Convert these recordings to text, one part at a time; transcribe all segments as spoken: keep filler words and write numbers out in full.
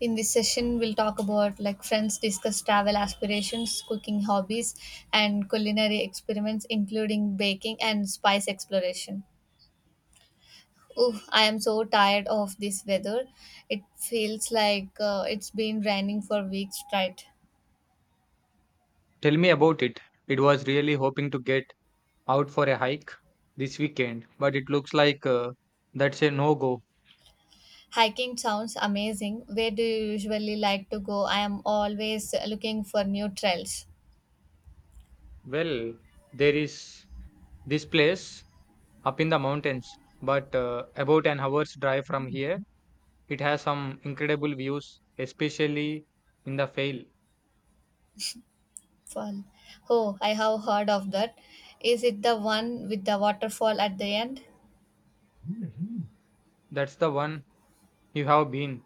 In this session, we'll talk about like friends discuss travel aspirations, cooking hobbies, and culinary experiments, including baking and spice exploration. Oh, I am so tired of this weather. It feels like uh, it's been raining for weeks straight. Tell me about it. It was really hoping to get out for a hike this weekend, but it looks like uh, that's a no go. Hiking sounds amazing. Where do you usually like to go? I am always looking for new trails. Well, there is this place up in the mountains, but uh, about an hour's drive from here, it has some incredible views, especially in the Fail. Fall. Oh, I have heard of that. Is it the one with the waterfall at the end? That's the one you have been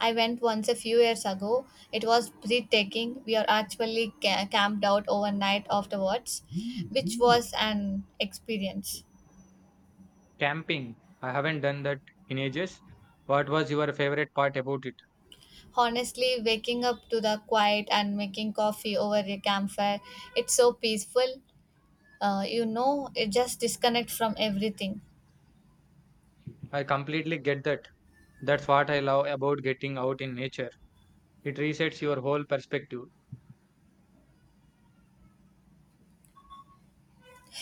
I went once a few years ago. It was breathtaking. We are actually ca- camped out overnight afterwards, which was an experience. camping. I haven't done that in ages. What was your favorite part about it? Honestly, waking up to the quiet and making coffee over a campfire, it's so peaceful. Uh, you know, it just disconnect from everything. I completely get that. That's what I love about getting out in nature. It resets your whole perspective.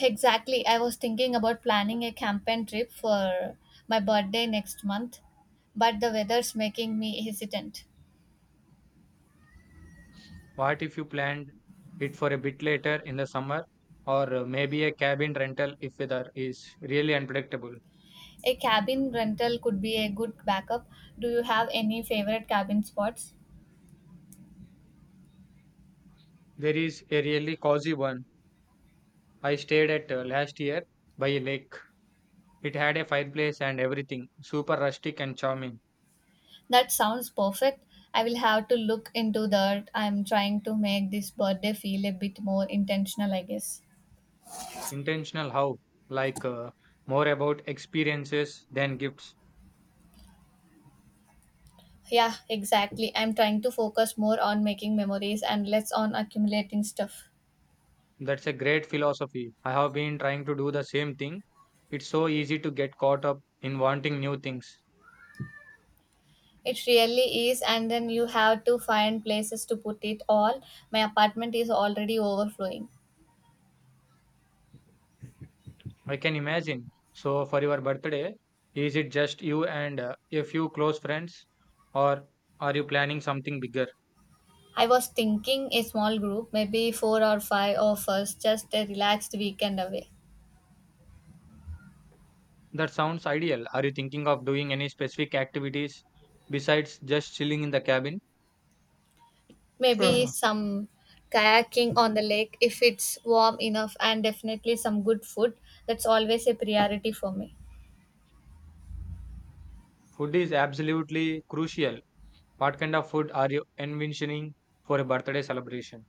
Exactly. I was thinking about planning a campaign trip for my birthday next month, but the weather's making me hesitant. What if you planned it for a bit later in the summer or uh, maybe a cabin rental if weather is really unpredictable? A cabin rental could be a good backup. Do you have any favorite cabin spots? There is a really cozy one I stayed at uh, last year by a lake. It had a fireplace and everything, super rustic and charming. That sounds perfect. I will have to look into that. I'm trying to make this birthday feel a bit more intentional, I guess. Intentional how? Like uh, more about experiences than gifts. Yeah, exactly. I'm trying to focus more on making memories and less on accumulating stuff. That's a great philosophy. I have been trying to do the same thing. It's so easy to get caught up in wanting new things. It really is, and then you have to find places to put it all. My apartment is already overflowing. I can imagine. So, for your birthday, is it just you and uh, a few close friends, or are you planning something bigger? I was thinking a small group, maybe four or five of us, just a relaxed weekend away. That sounds ideal. Are you thinking of doing any specific activities besides just chilling in the cabin? Maybe Uh, some kayaking on the lake if it's warm enough, and definitely some good food. That's always a priority for me. Food is absolutely crucial. What kind of food are you envisioning for a birthday celebration?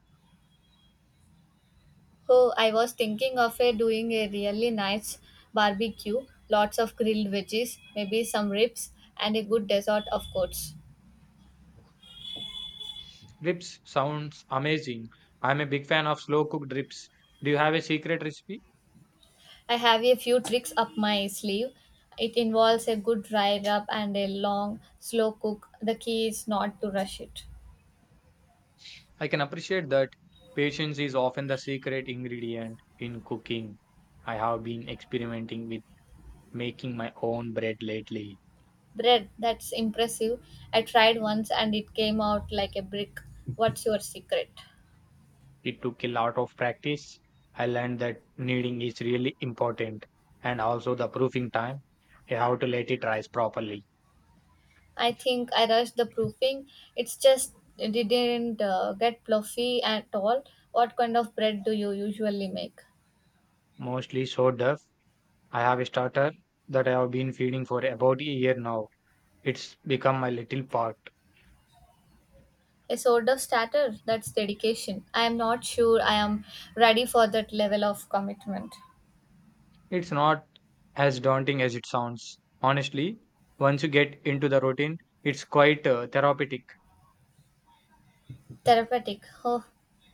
Oh, I was thinking of a, doing a really nice barbecue, lots of grilled veggies, maybe some ribs, and a good dessert, of course. Ribs sounds amazing. I'm a big fan of slow cooked ribs. Do you have a secret recipe? I have a few tricks up my sleeve. It involves a good dry rub and a long, slow cook. The key is not to rush it. I can appreciate that patience is often the secret ingredient in cooking. I have been experimenting with making my own bread lately. Bread, that's impressive. I tried once and it came out like a brick. What's your secret? It took a lot of practice. I learned that kneading is really important and also the proofing time. You have to let it rise properly. I think I rushed the proofing. It's just it didn't uh, get fluffy at all. What kind of bread do you usually make? Mostly so duff. I have a starter that I have been feeding for about a year now. It's become my little pot. A sort of starter. That's dedication. I am not sure I am ready for that level of commitment. It's not as daunting as it sounds. Honestly, once you get into the routine, it's quite uh, therapeutic. Therapeutic. Oh,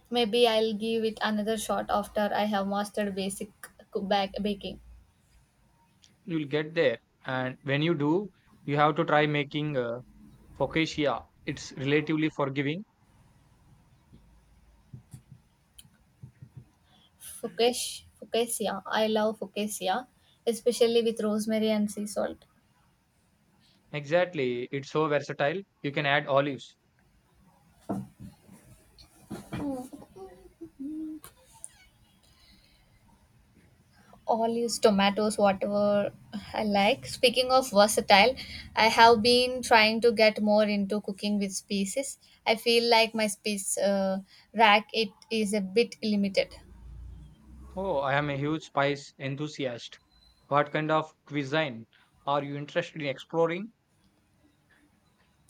maybe I'll give it another shot after I have mastered basic cook- bak- baking. You'll get there. And when you do, you have to try making uh, focaccia. It's relatively forgiving. Fukesh, focaccia. I love focaccia, especially with rosemary and sea salt. Exactly. It's so versatile. You can add olives. Olives, tomatoes, whatever I like. Speaking of versatile, I have been trying to get more into cooking with species. I feel like my space uh, rack it is a bit limited. Oh, I am a huge spice enthusiast. What kind of cuisine are you interested in exploring?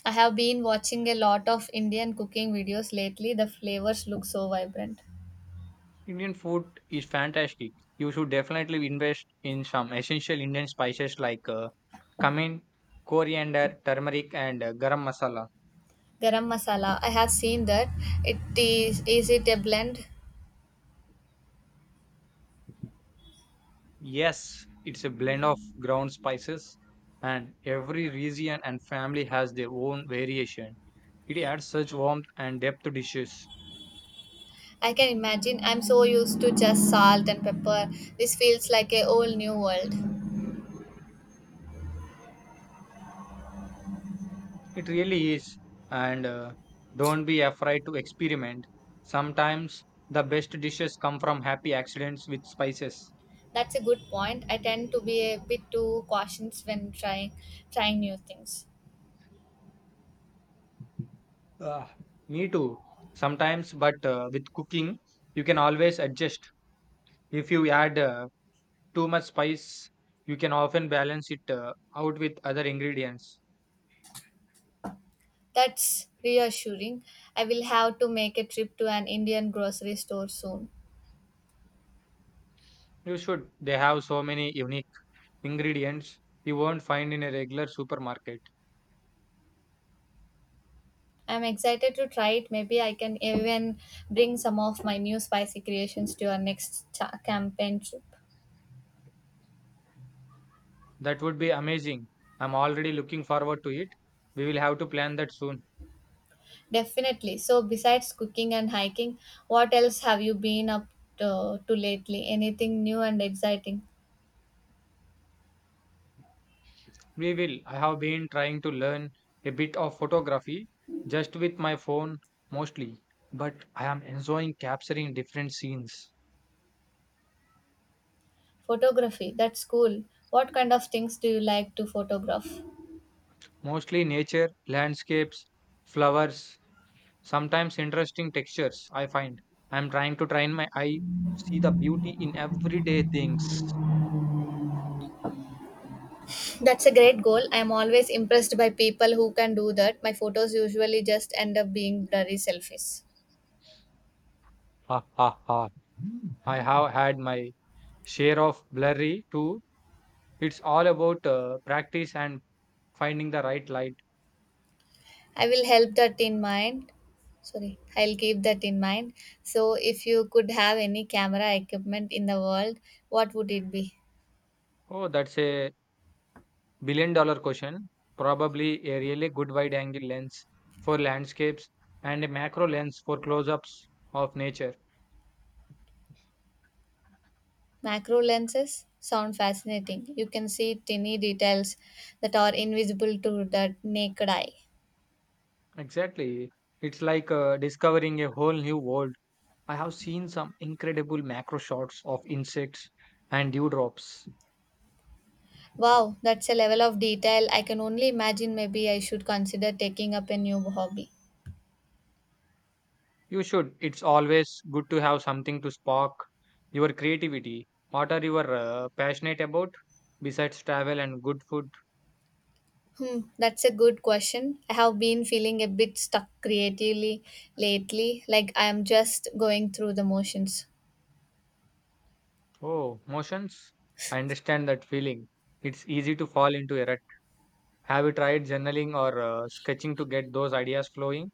I have been watching a lot of Indian cooking videos lately. The flavors look so vibrant. Indian food is fantastic. You should definitely invest in some essential Indian spices like uh, cumin, coriander, turmeric, and uh, garam masala. Garam masala, I have seen that. It is is it a blend? Yes, it's a blend of ground spices, and every region and family has their own variation. It adds such warmth and depth to dishes. I can imagine. I'm so used to just salt and pepper. This feels like a whole new world. It really is. And uh, don't be afraid to experiment. Sometimes the best dishes come from happy accidents with spices. That's a good point. I tend to be a bit too cautious when trying trying new things. Ah, me too. Sometimes, but uh, with cooking, you can always adjust. If you add uh, too much spice, you can often balance it uh, out with other ingredients. That's reassuring. I will have to make a trip to an Indian grocery store soon. You should. They have so many unique ingredients you won't find in a regular supermarket. I'm excited to try it. Maybe I can even bring some of my new spicy creations to our next cha- campaign trip. That would be amazing. I'm already looking forward to it. We will have to plan that soon. Definitely. So, besides cooking and hiking, what else have you been up to, to lately? Anything new and exciting? We will. I have been trying to learn a bit of photography just with my phone mostly, but I am enjoying capturing different scenes, Photography. That's cool. What kind of things do you like to photograph? mostly nature, landscapes, flowers, sometimes interesting textures. I find I am trying to train my eye to see the beauty in everyday things. That's a great goal. I'm always impressed by people who can do that. My photos usually just end up being blurry selfies. Ha ha ha. I have had my share of blurry too. It's all about uh, practice and finding the right light. I will help that in mind. Sorry, I'll keep that in mind. So, if you could have any camera equipment in the world, what would it be? Oh, that's a billion dollar question, probably a really good wide angle lens for landscapes and a macro lens for close ups of nature. Macro lenses sound fascinating. You can see tiny details that are invisible to the naked eye. Exactly. It's like uh, discovering a whole new world. I have seen some incredible macro shots of insects and dewdrops. Wow, that's a level of detail I can only imagine. Maybe I should consider taking up a new hobby. You should. It's always good to have something to spark your creativity. What are you uh, passionate about besides travel and good food? Hmm, that's a good question. I have been feeling a bit stuck creatively lately, like I am just going through the motions. Oh, motions. I understand that feeling. It's easy to fall into a rut. Have you tried journaling or uh, sketching to get those ideas flowing?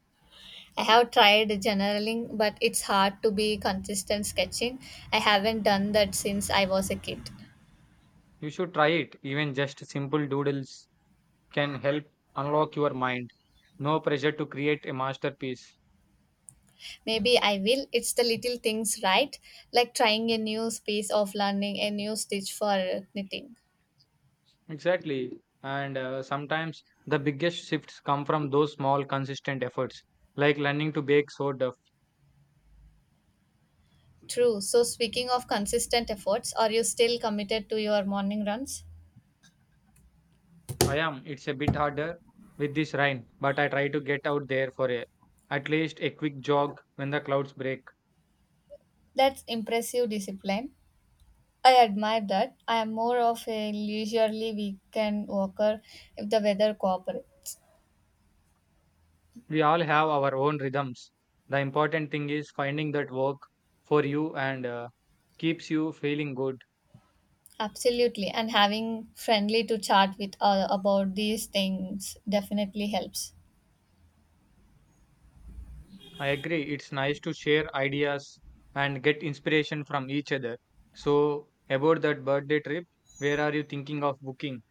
I have tried generaling, but it's hard to be consistent sketching. I haven't done that since I was a kid. You should try it. Even just simple doodles can help unlock your mind. No pressure to create a masterpiece. Maybe I will. It's the little things, right? Like trying a new space of learning, a new stitch for knitting. Exactly. And uh, sometimes the biggest shifts come from those small, consistent efforts, like learning to bake soda. True. So, speaking of consistent efforts, are you still committed to your morning runs? I am. It's a bit harder with this rain, but I try to get out there for a, at least a quick jog when the clouds break. That's impressive discipline. I admire that. I am more of a leisurely weekend walker if the weather cooperates. We all have our own rhythms. The important thing is finding that work for you and uh, keeps you feeling good. Absolutely, and having friendly to chat with uh, about these things definitely helps. I agree. It's nice to share ideas and get inspiration from each other. So, about that birthday trip, where are you thinking of booking?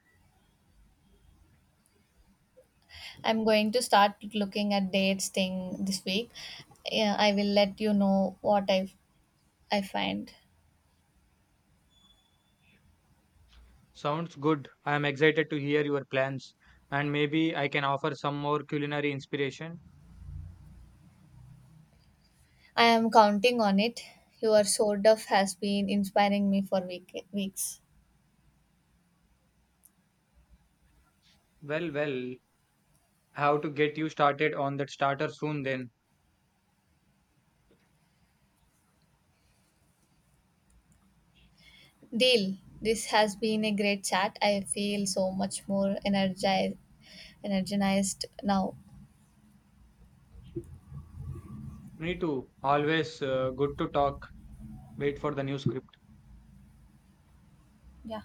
I'm going to start looking at dates thing this week. Yeah, I will let you know what I I find. Sounds good. I am excited to hear your plans and maybe I can offer some more culinary inspiration. I am counting on it. Your sort of has been inspiring me for week, weeks. Well, well, how to get you started on that starter soon then. Deal. This has been a great chat. I feel so much more energized, energized now. Me too. Always uh, good to talk. Wait for the new script. Yeah.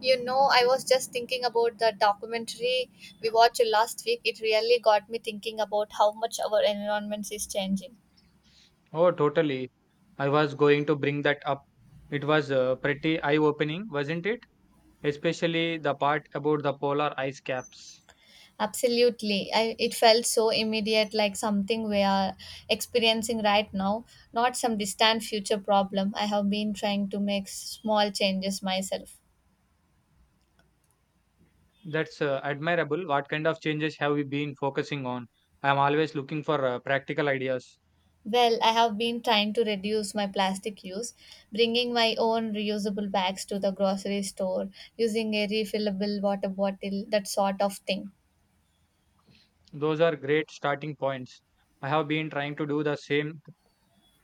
You know, I was just thinking about the documentary we watched last week. It really got me thinking about how much our environment is changing. Oh, totally. I was going to bring that up. It was uh, pretty eye-opening, wasn't it? Especially the part about the polar ice caps. Absolutely. I, it felt so immediate, like something we are experiencing right now, not some distant future problem. I have been trying to make small changes myself. That's uh, admirable. What kind of changes have we been focusing on? I'm always looking for uh, practical ideas. Well, I have been trying to reduce my plastic use, bringing my own reusable bags to the grocery store, using a refillable water bottle, that sort of thing. Those are great starting points. I have been trying to do the same,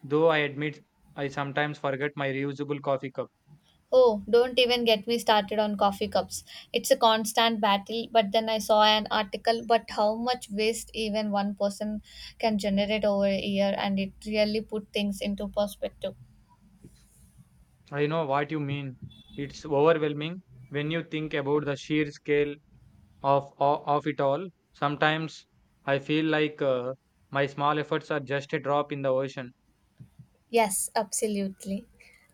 though I admit I sometimes forget my reusable coffee cup. Oh, don't even get me started on coffee cups. It's a constant battle, but then I saw an article but how much waste even one person can generate over a year and it really put things into perspective. I know what you mean. It's overwhelming when you think about the sheer scale of o- of it all. Sometimes I feel like uh, my small efforts are just a drop in the ocean. Yes, absolutely.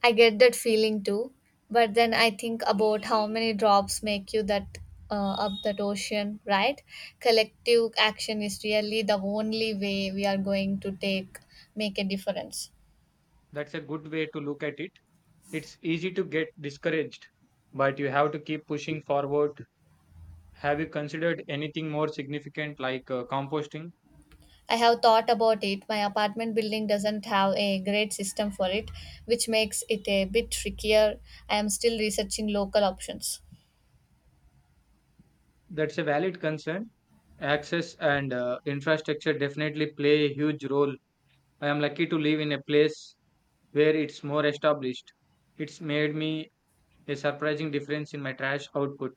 I get that feeling too, but then I think about how many drops make you that uh, up that ocean, right? Collective action is really the only way we are going to take make a difference. That's a good way to look at it. It's easy to get discouraged, but you have to keep pushing forward. Have you considered anything more significant like uh, composting? I have thought about it. My apartment building doesn't have a great system for it, which makes it a bit trickier. I am still researching local options. That's a valid concern. Access and uh, infrastructure definitely play a huge role. I am lucky to live in a place where it's more established. It's made me a surprising difference in my trash output.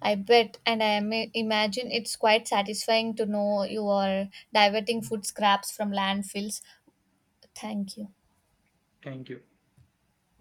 I bet and I am- imagine it's quite satisfying to know you are diverting food scraps from landfills. Thank you. Thank you.